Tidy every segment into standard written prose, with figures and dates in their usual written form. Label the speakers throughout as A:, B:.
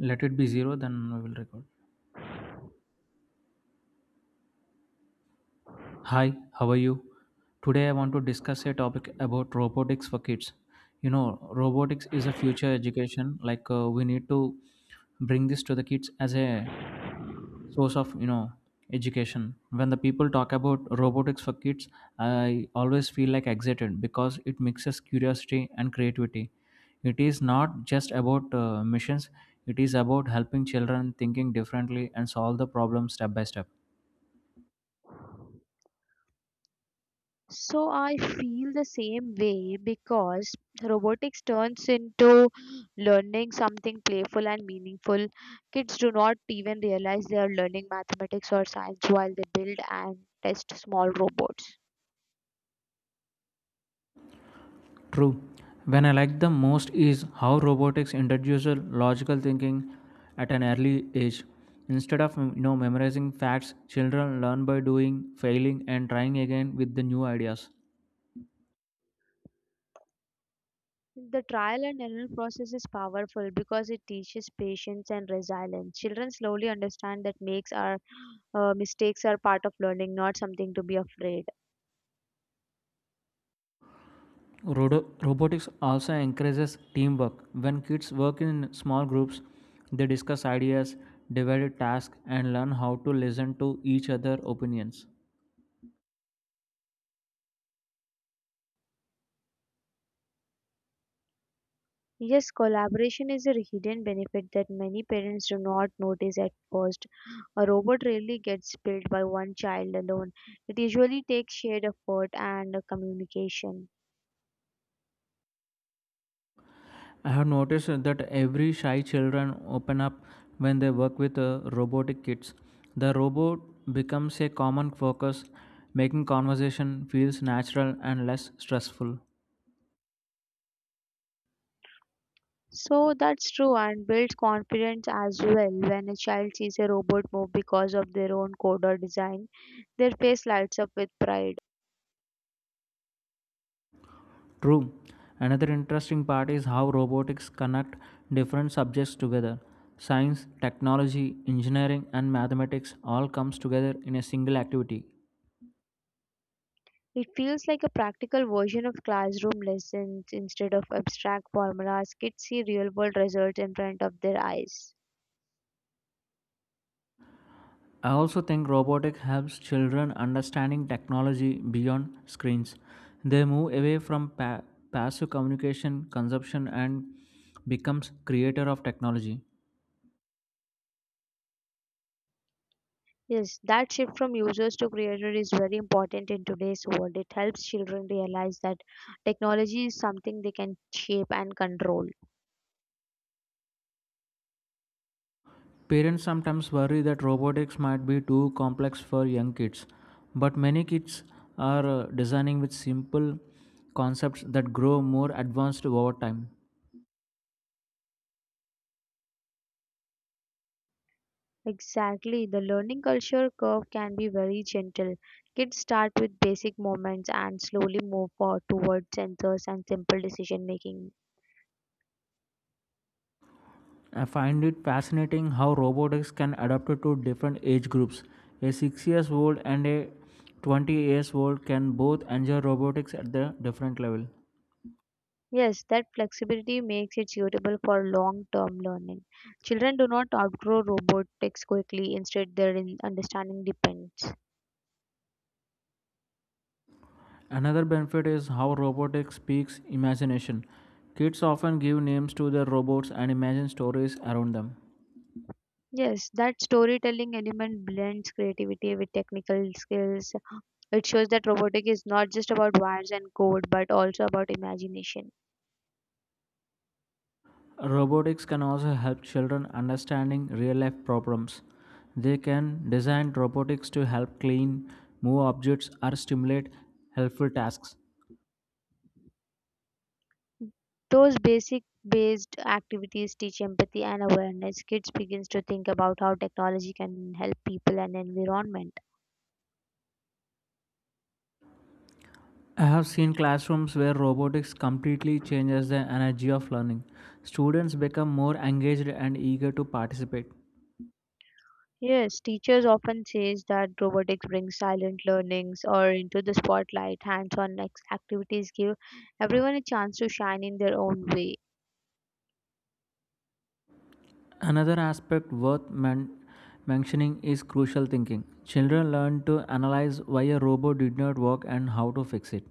A: Let it be zero, then we will record. Hi, how are you? Today I want to discuss a topic about robotics for kids. You know, robotics is a future education. We need to bring this to the kids as a source of education. When the people talk about robotics for kids, I always feel like excited because it mixes curiosity and creativity. It is not just about missions; it is about helping children thinking differently and solve the problem step by step.
B: So I feel the same way because robotics turns into learning something playful and meaningful. Kids do not even realize they are learning mathematics or science while they build and test small robots.
A: True. When I like the most is how robotics introduces logical thinking at an early age. Instead of memorizing facts, children learn by doing, failing, and trying again with the new ideas.
B: The trial and error process is powerful because it teaches patience and resilience. Children slowly understand that makes are mistakes are part of learning, not something to be afraid.
A: Robotics also encourages teamwork. When kids work in small groups, they discuss ideas, divide tasks, and learn how to listen to each other opinions.
B: Yes, collaboration is a hidden benefit that many parents do not notice at first. A robot rarely gets built by one child alone. It usually takes shared effort and communication.
A: I have noticed that every shy children open up when they work with robotic kids. The robot becomes a common focus, making conversation feels natural and less stressful.
B: So that's true and builds confidence as well. When a child sees a robot move because of their own code or design, their face lights up with pride.
A: True. Another interesting part is how robotics connect different subjects together. Science, technology, engineering and mathematics all comes together in a single activity.
B: It feels like a practical version of classroom lessons instead of abstract formulas. Kids see real world results in front of their eyes.
A: I also think robotics helps children understanding technology beyond screens. They move away from passive communication consumption and becomes creator of technology.
B: Yes, that shift from users to creator is very important in today's world. It helps children realize that technology is something they can shape and control.
A: Parents sometimes worry that robotics might be too complex for young kids, but many kids are designing with simple concepts that grow more advanced over time.
B: Exactly, the learning culture curve can be very gentle. Kids start with basic movements and slowly move forward towards sensors and simple decision making.
A: I find it fascinating how robotics can adapt to different age groups. A 6 years old and a 20 years old can both enjoy robotics at the different level.
B: Yes, that flexibility makes it suitable for long term learning. Children do not outgrow robotics quickly, instead, their understanding depends.
A: Another benefit is how robotics speaks imagination. Kids often give names to their robots and imagine stories around them.
B: Yes, that storytelling element blends creativity with technical skills. It shows that robotic is not just about wires and code, but also about imagination.
A: Robotics can also help children understanding real life problems. They can design robotics to help clean, move objects, or stimulate helpful tasks.
B: Those basic based activities teach empathy and awareness. Kids begins to think about how technology can help people and environment.
A: I have seen classrooms where robotics completely changes the energy of learning. Students become more engaged and eager to participate.
B: Yes, teachers often says that robotics brings silent learnings or into the spotlight. Activities give everyone a chance to shine in their own way.
A: Another aspect worth mentioning is crucial thinking. Children learn to analyze why a robot did not work and how to fix it.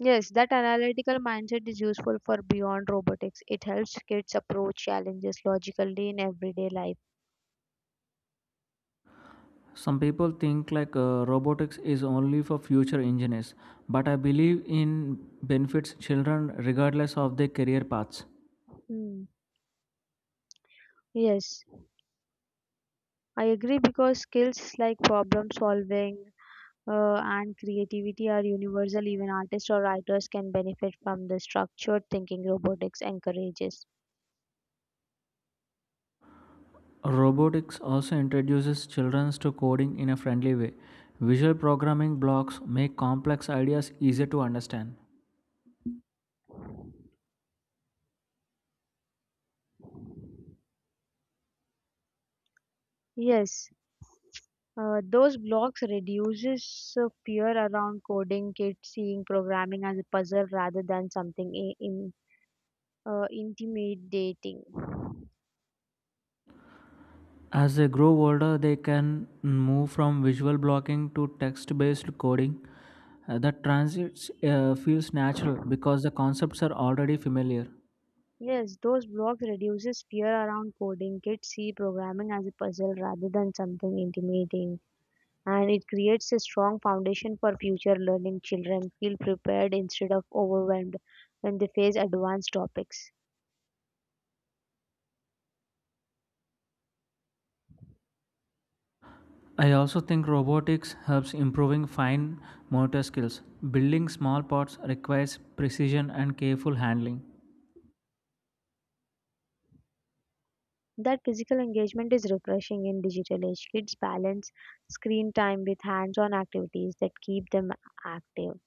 B: Yes, that analytical mindset is useful for beyond robotics. It helps kids approach challenges logically in everyday life.
A: Some people think robotics is only for future engineers, but I believe in benefits children regardless of their career paths.
B: Hmm. Yes, I agree because skills like problem solving and creativity are universal. Even artists or writers can benefit from the structured thinking robotics encourages.
A: Robotics also introduces children to coding in a friendly way. Visual programming blocks make complex ideas easier to understand.
B: Yes, those blocks reduces fear around coding. Kids seeing programming as a puzzle rather than something intimidating.
A: As they grow older, they can move from visual blocking to text based coding. The transit feels natural because the concepts are already familiar.
B: Yes, those blocks reduces fear around coding. Kids see programming as a puzzle rather than something intimidating, and it creates a strong foundation for future learning. Children feel prepared instead of overwhelmed when they face advanced topics.
A: I also think robotics helps improving fine motor skills. Building small parts requires precision and careful handling.
B: That physical engagement is refreshing in digital age. Kids balance screen time with hands-on activities that keep them active.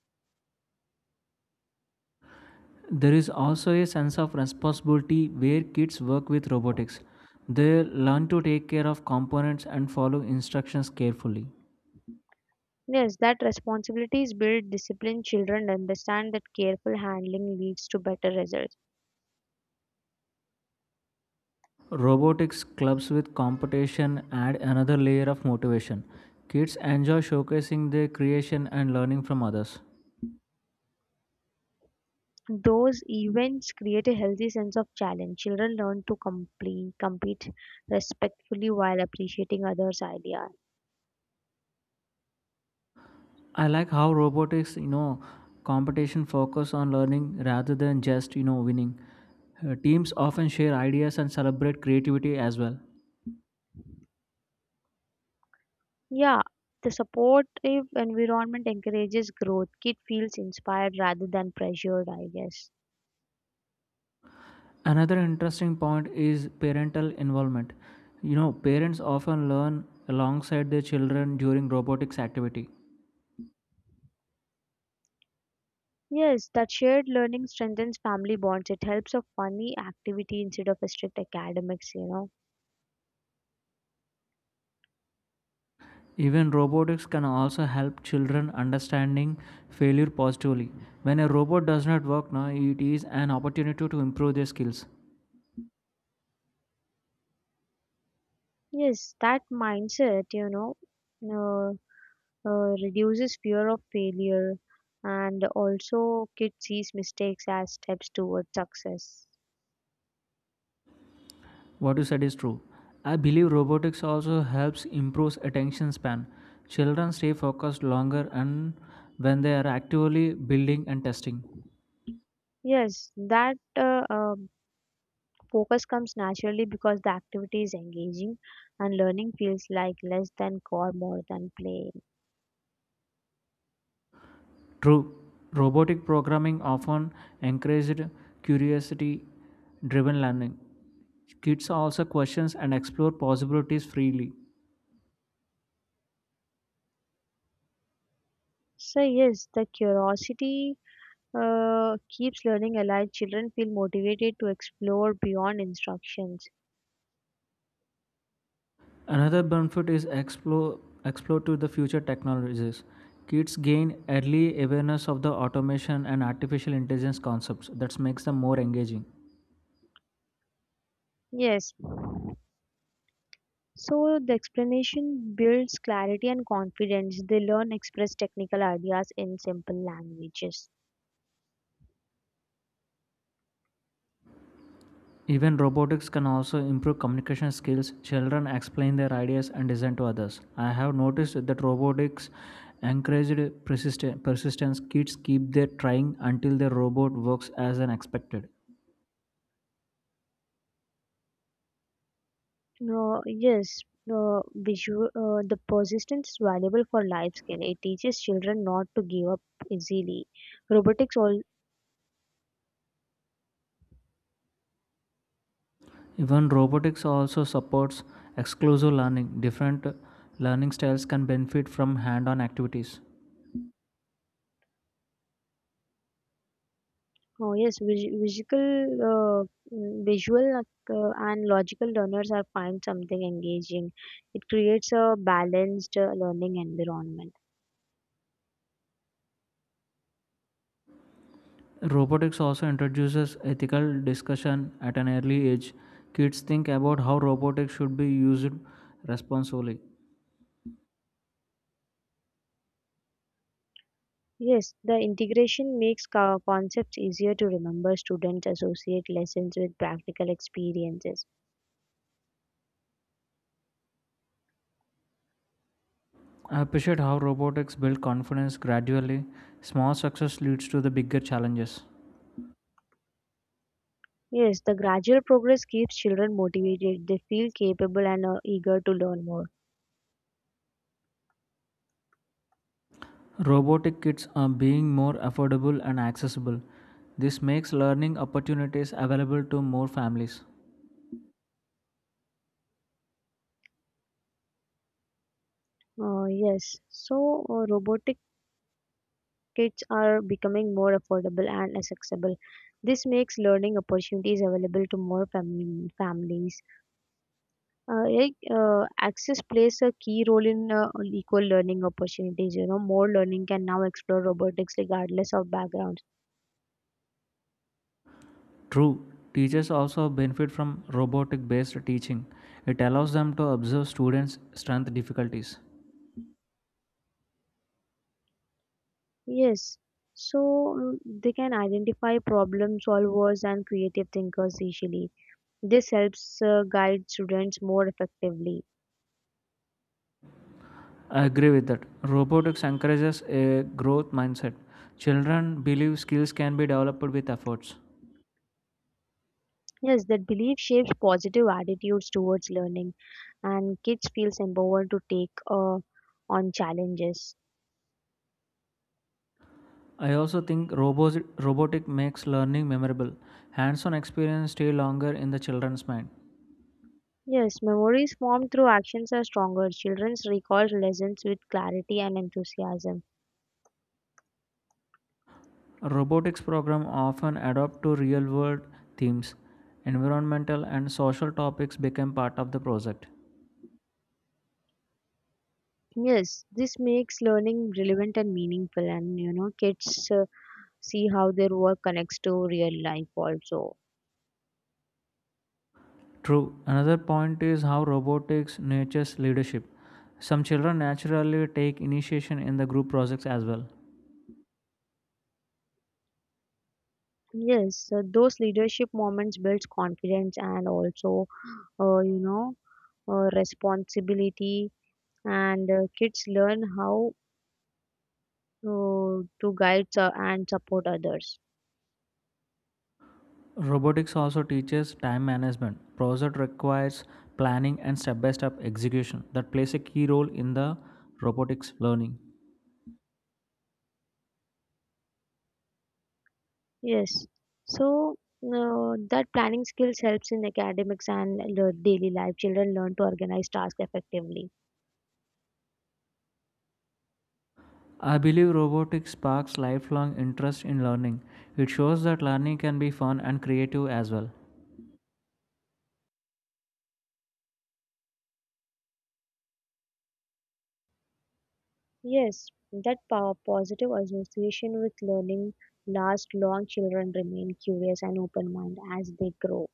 A: There is also a sense of responsibility where kids work with robotics. They learn to take care of components and follow instructions carefully.
B: Yes, that responsibilities build discipline. Children understand that careful handling leads to better results.
A: Robotics clubs with competition add another layer of motivation. Kids enjoy showcasing their creation and learning from others.
B: Those events create a healthy sense of challenge. Children learn to complete, compete respectfully while appreciating others' ideas.
A: I like how robotics, you know, competition focus on learning rather than just, you know, winning. Teams often share ideas and celebrate creativity as well.
B: Yeah, the supportive environment encourages growth. Kid feels inspired rather than pressured, I guess.
A: Another interesting point is parental involvement. You know, parents often learn alongside their children during robotics activity.
B: Yes, that shared learning strengthens family bonds. It helps a funny activity instead of a strict academics, you know.
A: Even robotics can also help children understanding failure positively. When a robot does not work now, it is an opportunity to improve their skills.
B: Yes, that mindset, uh, reduces fear of failure, and also kids sees mistakes as steps towards success.
A: What you said is true. I believe robotics also helps improve attention span. Children stay focused longer and when they are actively building and testing.
B: Yes, that focus comes naturally because the activity is engaging and learning feels like less than core more than play.
A: True, robotic programming often encouraged curiosity driven learning. Kids also questions and explore possibilities freely.
B: So yes, the curiosity keeps learning alive. Children feel motivated to explore beyond instructions.
A: Another benefit is explore to the future technologies. Kids gain early awareness of the automation and artificial intelligence concepts that makes them more engaging.
B: Yes. So the explanation builds clarity and confidence. They learn express technical ideas in simple languages.
A: Even robotics can also improve communication skills. Children explain their ideas and design to others. I have noticed that robotics encouraged persistence. Kids keep their trying until their robot works as an expected.
B: No, yes, the persistence is valuable for life skill. It teaches children not to give up easily. Robotics all.
A: Even robotics also supports exclusive learning. Different learning styles can benefit from hand-on activities.
B: Oh yes, visual and logical learners are find something engaging. It creates a balanced learning environment.
A: Robotics also introduces ethical discussion at an early age. Kids think about how robotics should be used responsibly.
B: Yes, the integration makes concepts easier to remember. Students associate lessons with practical experiences.
A: I appreciate how robotics build confidence gradually. Small success leads to the bigger challenges.
B: Yes, the gradual progress keeps children motivated. They feel capable and are eager to learn more.
A: Robotic kits are being more affordable and accessible. This makes learning opportunities available to more families.
B: Yes, so robotic kits are becoming more affordable and accessible. This makes learning opportunities available to more families. Access plays a key role in equal learning opportunities. You know, more learning can now explore robotics regardless of backgrounds.
A: True, teachers also benefit from robotic based teaching. It allows them to observe students' strength difficulties.
B: Yes, so they can identify problem solvers and creative thinkers easily. This helps guide students more effectively.
A: I agree with that. Robotics encourages a growth mindset. Children believe skills can be developed with efforts.
B: Yes, that belief shapes positive attitudes towards learning, and kids feels empowered to take on challenges.
A: I also think robotic makes learning memorable. Hands-on experience stay longer in the children's mind.
B: Yes, memories formed through actions are stronger. Children recall lessons with clarity and enthusiasm.
A: Robotics program often adopt to real-world themes. Environmental and social topics become part of the project.
B: Yes, this makes learning relevant and meaningful, and you know, kids see how their work connects to real life also.
A: True. Another point is how robotics nurtures leadership. Some children naturally take initiation in the group projects as well.
B: Yes, so those leadership moments builds confidence and also, uh, you know, responsibility, and kids learn how to guide and support others.
A: Robotics also teaches time management. Project requires planning and step-by-step execution that plays a key role in the robotics learning.
B: Yes. So that planning skills helps in academics and the daily life. Children learn to organize tasks effectively.
A: I believe robotics sparks lifelong interest in learning. It shows that learning can be fun and creative as well.
B: Yes, that positive association with learning lasts long. Children remain curious and open mind as they grow.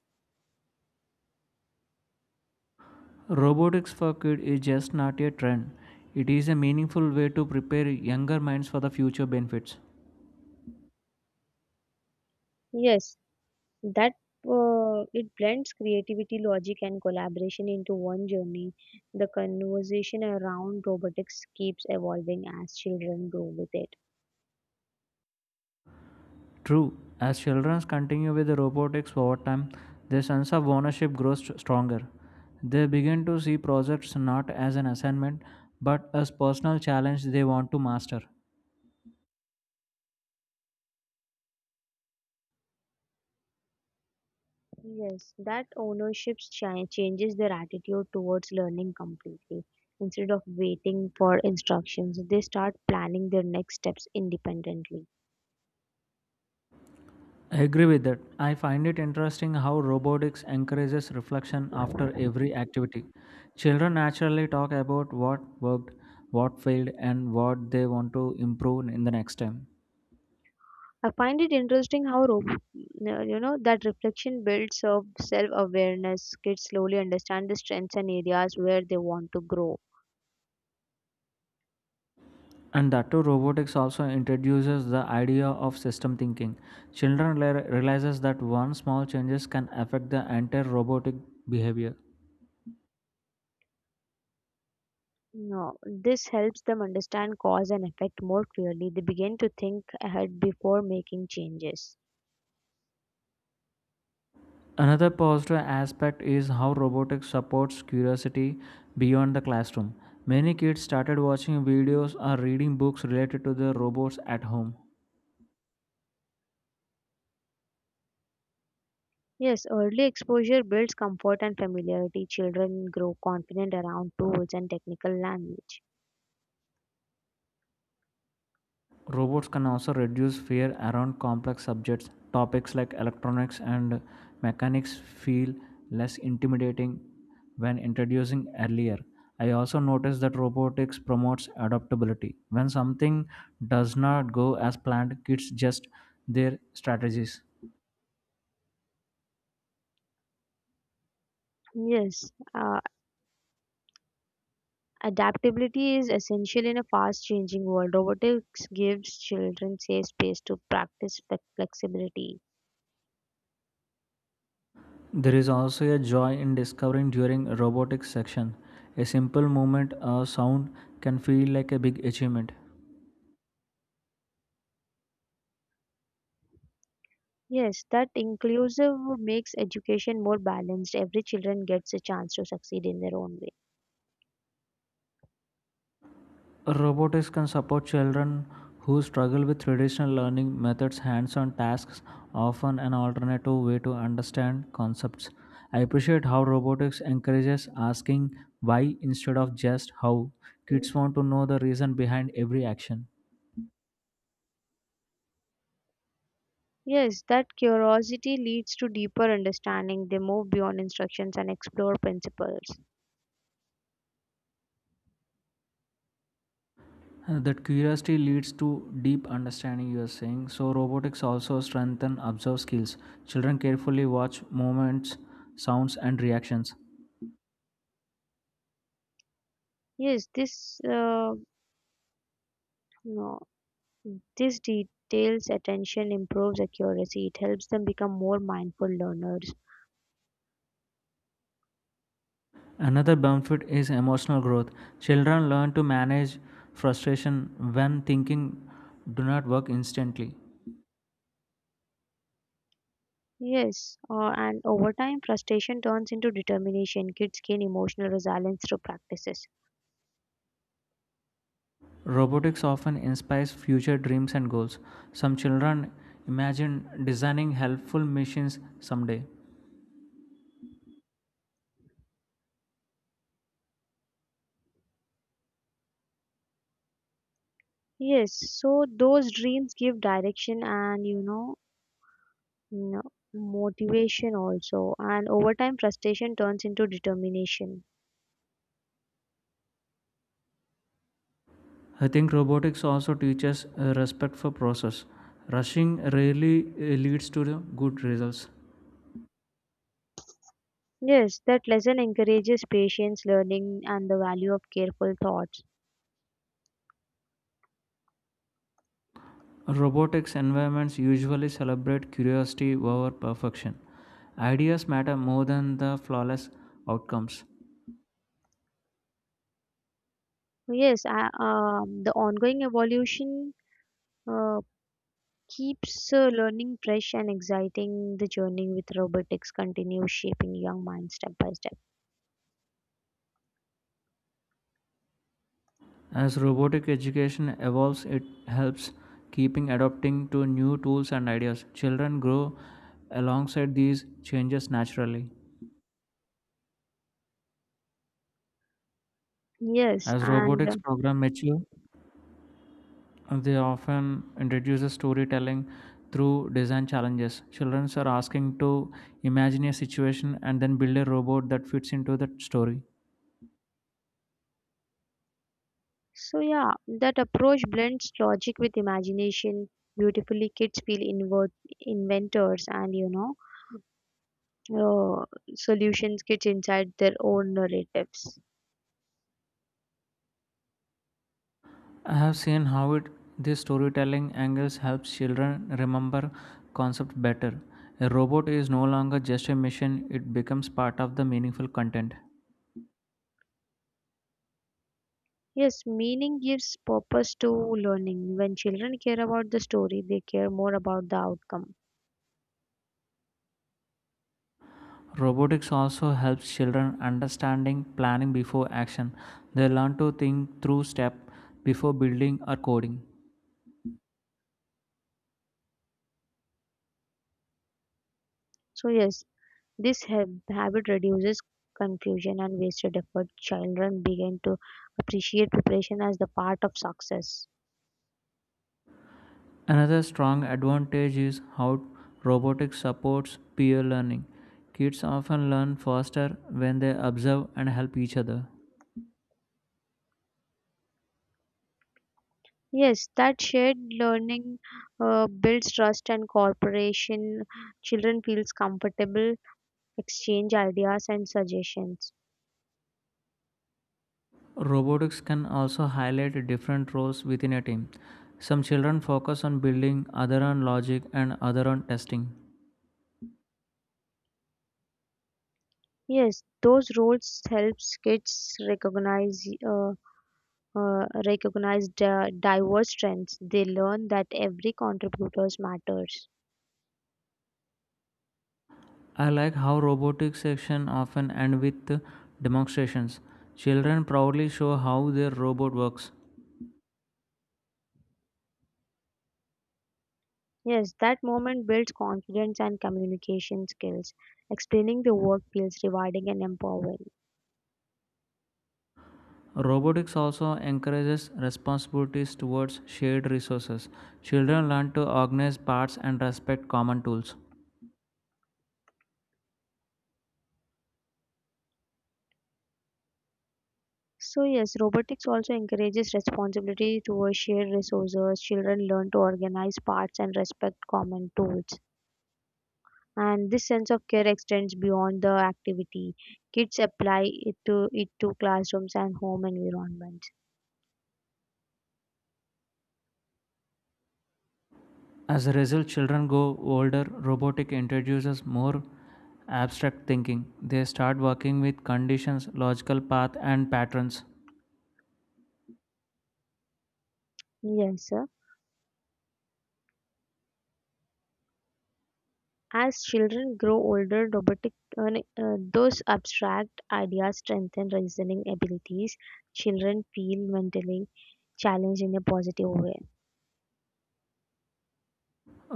A: Robotics for kids is just not a trend. It is a meaningful way to prepare younger minds for the future benefits.
B: Yes, that it blends creativity, logic, and collaboration into one journey. The conversation around robotics keeps evolving as children grow with it.
A: True, as children continue with the robotics over time, their sense of ownership grows stronger. They begin to see projects not as an assignment but as personal challenge they want to master.
B: Yes, that ownership changes their attitude towards learning completely. Instead of waiting for instructions, they start planning their next steps independently.
A: I agree with that. I find it interesting how robotics encourages reflection after
B: I
A: every activity. Children naturally talk about what worked, what failed, and what they want to improve in the next time.
B: find it interesting how ro- you know that reflection builds of self-awareness. Kids slowly understand the strengths and areas where they want to grow.
A: And that too, robotics also introduces the idea of system thinking. Children realizes that one small changes can affect the entire robotic behavior.
B: No, this helps them understand cause and effect more clearly. They begin to think ahead before making changes.
A: Another positive aspect is how robotics supports curiosity beyond the classroom. Many kids started watching videos or reading books related to the robots at home.
B: Yes, early exposure builds comfort and familiarity. Children grow confident around tools and technical language.
A: Robots can also reduce fear around complex subjects. Topics like electronics and mechanics feel less intimidating when introducing earlier. I also noticed that robotics promotes adaptability. When something does not go as planned, kids adjust their strategies.
B: Yes, adaptability is essential in a fast changing world. Robotics gives children safe space to practice flexibility.
A: There is also a joy in discovering during robotics section. A simple movement or sound can feel like a big achievement.
B: Yes, that inclusive makes education more balanced. Every children gets a chance to succeed in their own way.
A: Robotics can support children who struggle with traditional learning methods, hands on tasks, often an alternative way to understand concepts. I appreciate how robotics encourages asking why instead of just how.
B: Mm.
A: Kids want to know the reason behind every action.
B: Yes, that curiosity leads to deeper understanding. They move beyond instructions and explore principles.
A: That curiosity leads to deep understanding, you are saying. So, robotics also strengthen observe skills. Children carefully watch movements, sounds, and reactions.
B: Yes, this no, this details attention improves accuracy. It helps them become more mindful learners.
A: Another benefit is emotional growth. Children learn to manage frustration when thinking do not work instantly.
B: Yes, and over time, frustration turns into determination. Kids gain emotional resilience through practices.
A: Robotics often inspires future dreams and goals. Some children imagine designing helpful machines someday.
B: Yes, so those dreams give direction and you know n- motivation also. And over time, frustration turns into determination.
A: I think robotics also teaches respect for process. Rushing rarely leads to the good results.
B: Yes, that lesson encourages patience, learning, and the value of careful thoughts.
A: Robotics environments usually celebrate curiosity over perfection. Ideas matter more than the flawless outcomes.
B: Yes, the ongoing evolution uh, keeps learning fresh and exciting. The journey with robotics continues shaping young minds step by step.
A: As robotic education evolves, it helps keeping adapting to new tools and ideas. Children grow alongside these changes naturally.
B: Yes,
A: As
B: and
A: robotics
B: uh,
A: program mature, they often introduce storytelling through design challenges. Children are asking to imagine a situation and then build a robot that fits into that story.
B: so yeah, that approach blends logic with imagination beautifully. Kids feel invert inventors and you know solutions. Kids inside their own narratives.
A: I have seen how it these storytelling angles helps children remember concepts better. A robot is no longer just a machine, it becomes part of the meaningful content.
B: Yes, meaning gives purpose to learning. When children care about the story, they care more about the outcome.
A: Robotics also helps children understanding planning before action. They learn to think through step before building or coding.
B: So yes, this habit reduces confusion and wasted effort. Children begin to appreciate preparation as the part of success.
A: Another strong advantage is how robotics supports peer learning. Kids often learn faster when they observe and help each other.
B: Yes, that shared learning builds trust and cooperation. Children feels comfortable, exchange ideas and suggestions.
A: Robotics can also highlight different roles within a team. Some children focus on building, other on logic, and other on testing.
B: Yes, those roles helps kids recognize the diverse strengths. They learn that every contributors matters.
A: I like how robotics section often end with demonstrations. Children proudly show how their robot works.
B: Yes, that moment builds confidence and communication skills. Explaining the work feels rewarding and empowering.
A: Robotics also encourages responsibilities towards shared resources. Children learn to organize parts and respect common tools.
B: So, yes, robotics also encourages responsibility towards shared resources. Children learn to organize parts and respect common tools. And this sense of care extends beyond the activity. Kids apply it to it to classrooms and home environments.
A: As a result, children go older, robotics introduces more abstract thinking. They start working with conditions, logical path, and patterns.
B: Yes, sir. As children grow older, those abstract ideas strengthen reasoning abilities. Children feel mentally challenged in a positive way.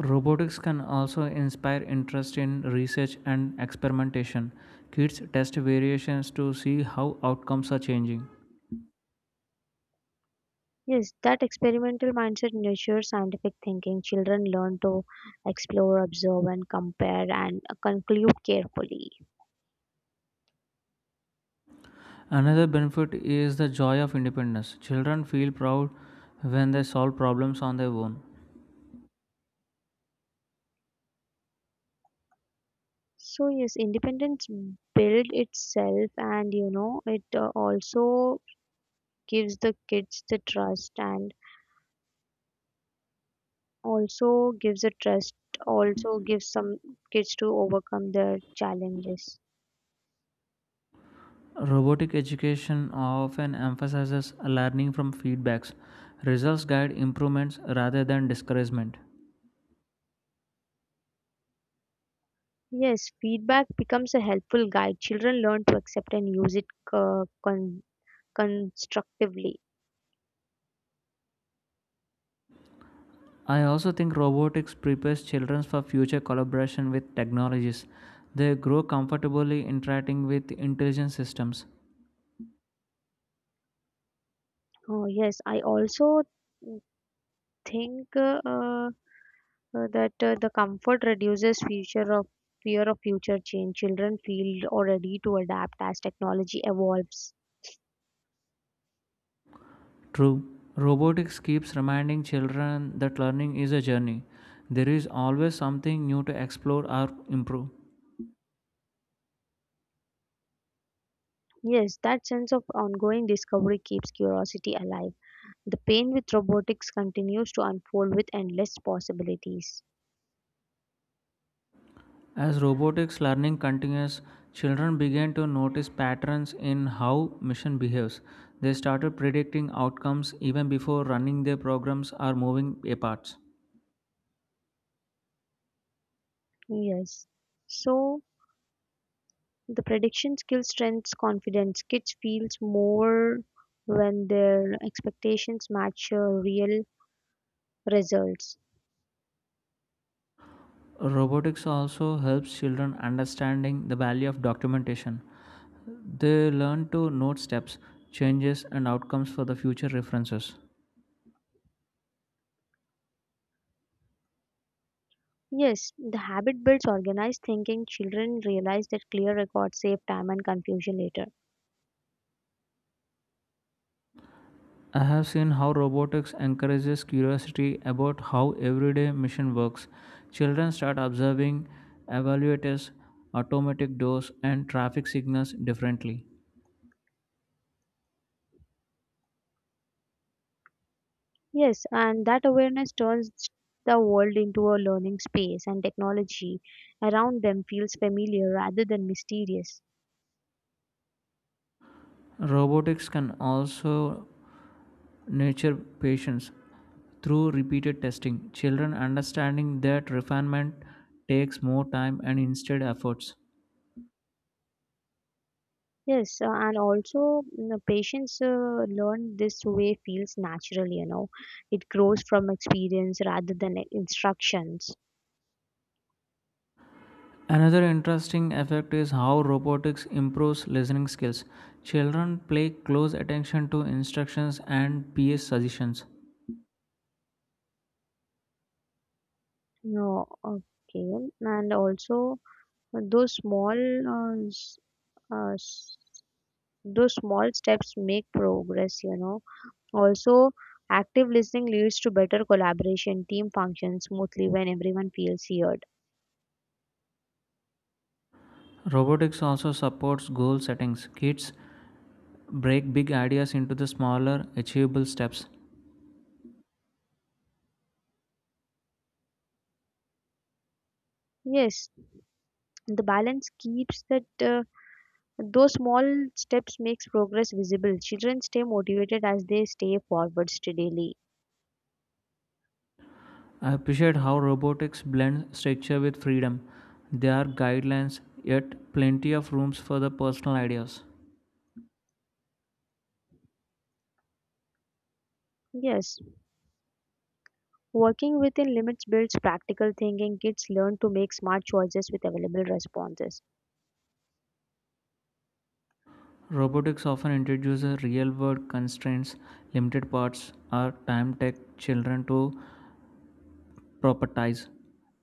A: Robotics can also inspire interest in research and experimentation. Kids test variations to see how outcomes are changing.
B: Yes, that experimental mindset nurtures scientific thinking. Children learn to explore, observe, and compare and conclude carefully.
A: Another benefit is the joy of independence. Children feel proud when they solve problems on their own.
B: So, yes, independence builds itself, and you know, it also gives the kids the trust and also gives a trust also gives some kids to overcome their challenges.
A: Robotic education often emphasizes learning from feedbacks. Results guide improvements rather than discouragement.
B: Yes, feedback becomes a helpful guide. Children learn to accept and use it uh, con- constructively.
A: I also think robotics prepares children for future collaboration with technologies. They grow comfortably interacting with intelligent systems.
B: Oh yes, I also think that the comfort reduces future of fear of future change. Children feel already to adapt as technology evolves.
A: True, robotics keeps reminding children that learning is a journey. There is always something new to explore or improve.
B: Yes, that sense of ongoing discovery keeps curiosity alive. The pain with robotics continues to unfold with endless possibilities.
A: As robotics learning continues, children began to notice patterns in how machine behaves. They started predicting outcomes even before running their programs or moving a parts.
B: Yes. So the prediction skill strengths confidence. Kids feels more when their expectations match real results.
A: Robotics also helps children understanding the value of documentation. They learn to note steps, changes and outcomes for the future references.
B: Yes, the habit builds organized thinking. Children realize that clear records save time and confusion later.
A: I have seen how robotics encourages curiosity about how everyday machine works. Children start observing evaluators, automatic doors, and traffic signals differently.
B: Yes, and that awareness turns the world into a learning space and technology around them feels familiar rather than mysterious.
A: Robotics can also nurture patience through repeated testing. Children understanding that refinement takes more time and instead efforts.
B: Yes, and also you know, patients learn this way feels natural, you know. It grows from experience rather than like, instructions.
A: Another interesting effect is how robotics improves listening skills. Children pay close attention to instructions and peer suggestions.
B: No, okay. And also those small uh, s- uh, s- those small steps make progress, you know. Also active listening leads to better collaboration, team functions smoothly when everyone feels heard.
A: Robotics also supports goal settings. Kids break big ideas into the smaller, achievable steps.
B: Yes, the balance keeps that those small steps makes progress visible. Children stay motivated as they stay forward steadily.
A: I appreciate how robotics blends structure with freedom. There are guidelines, yet plenty of rooms for the personal ideas.
B: Yes, working within limits builds practical thinking. Kids learn to make smart choices with available responses.
A: Robotics often introduces real world constraints, limited parts, or time take children to proper ties.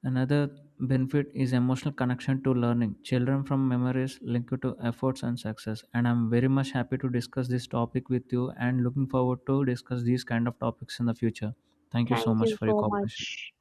A: Another benefit is emotional connection to learning. Children from memories linked to efforts and success. And I'm very much happy to discuss this topic with you and looking forward to discuss these kind of topics in the future. Thank you so
B: Thank
A: much
B: you
A: for your
B: so
A: cooperation.
B: much.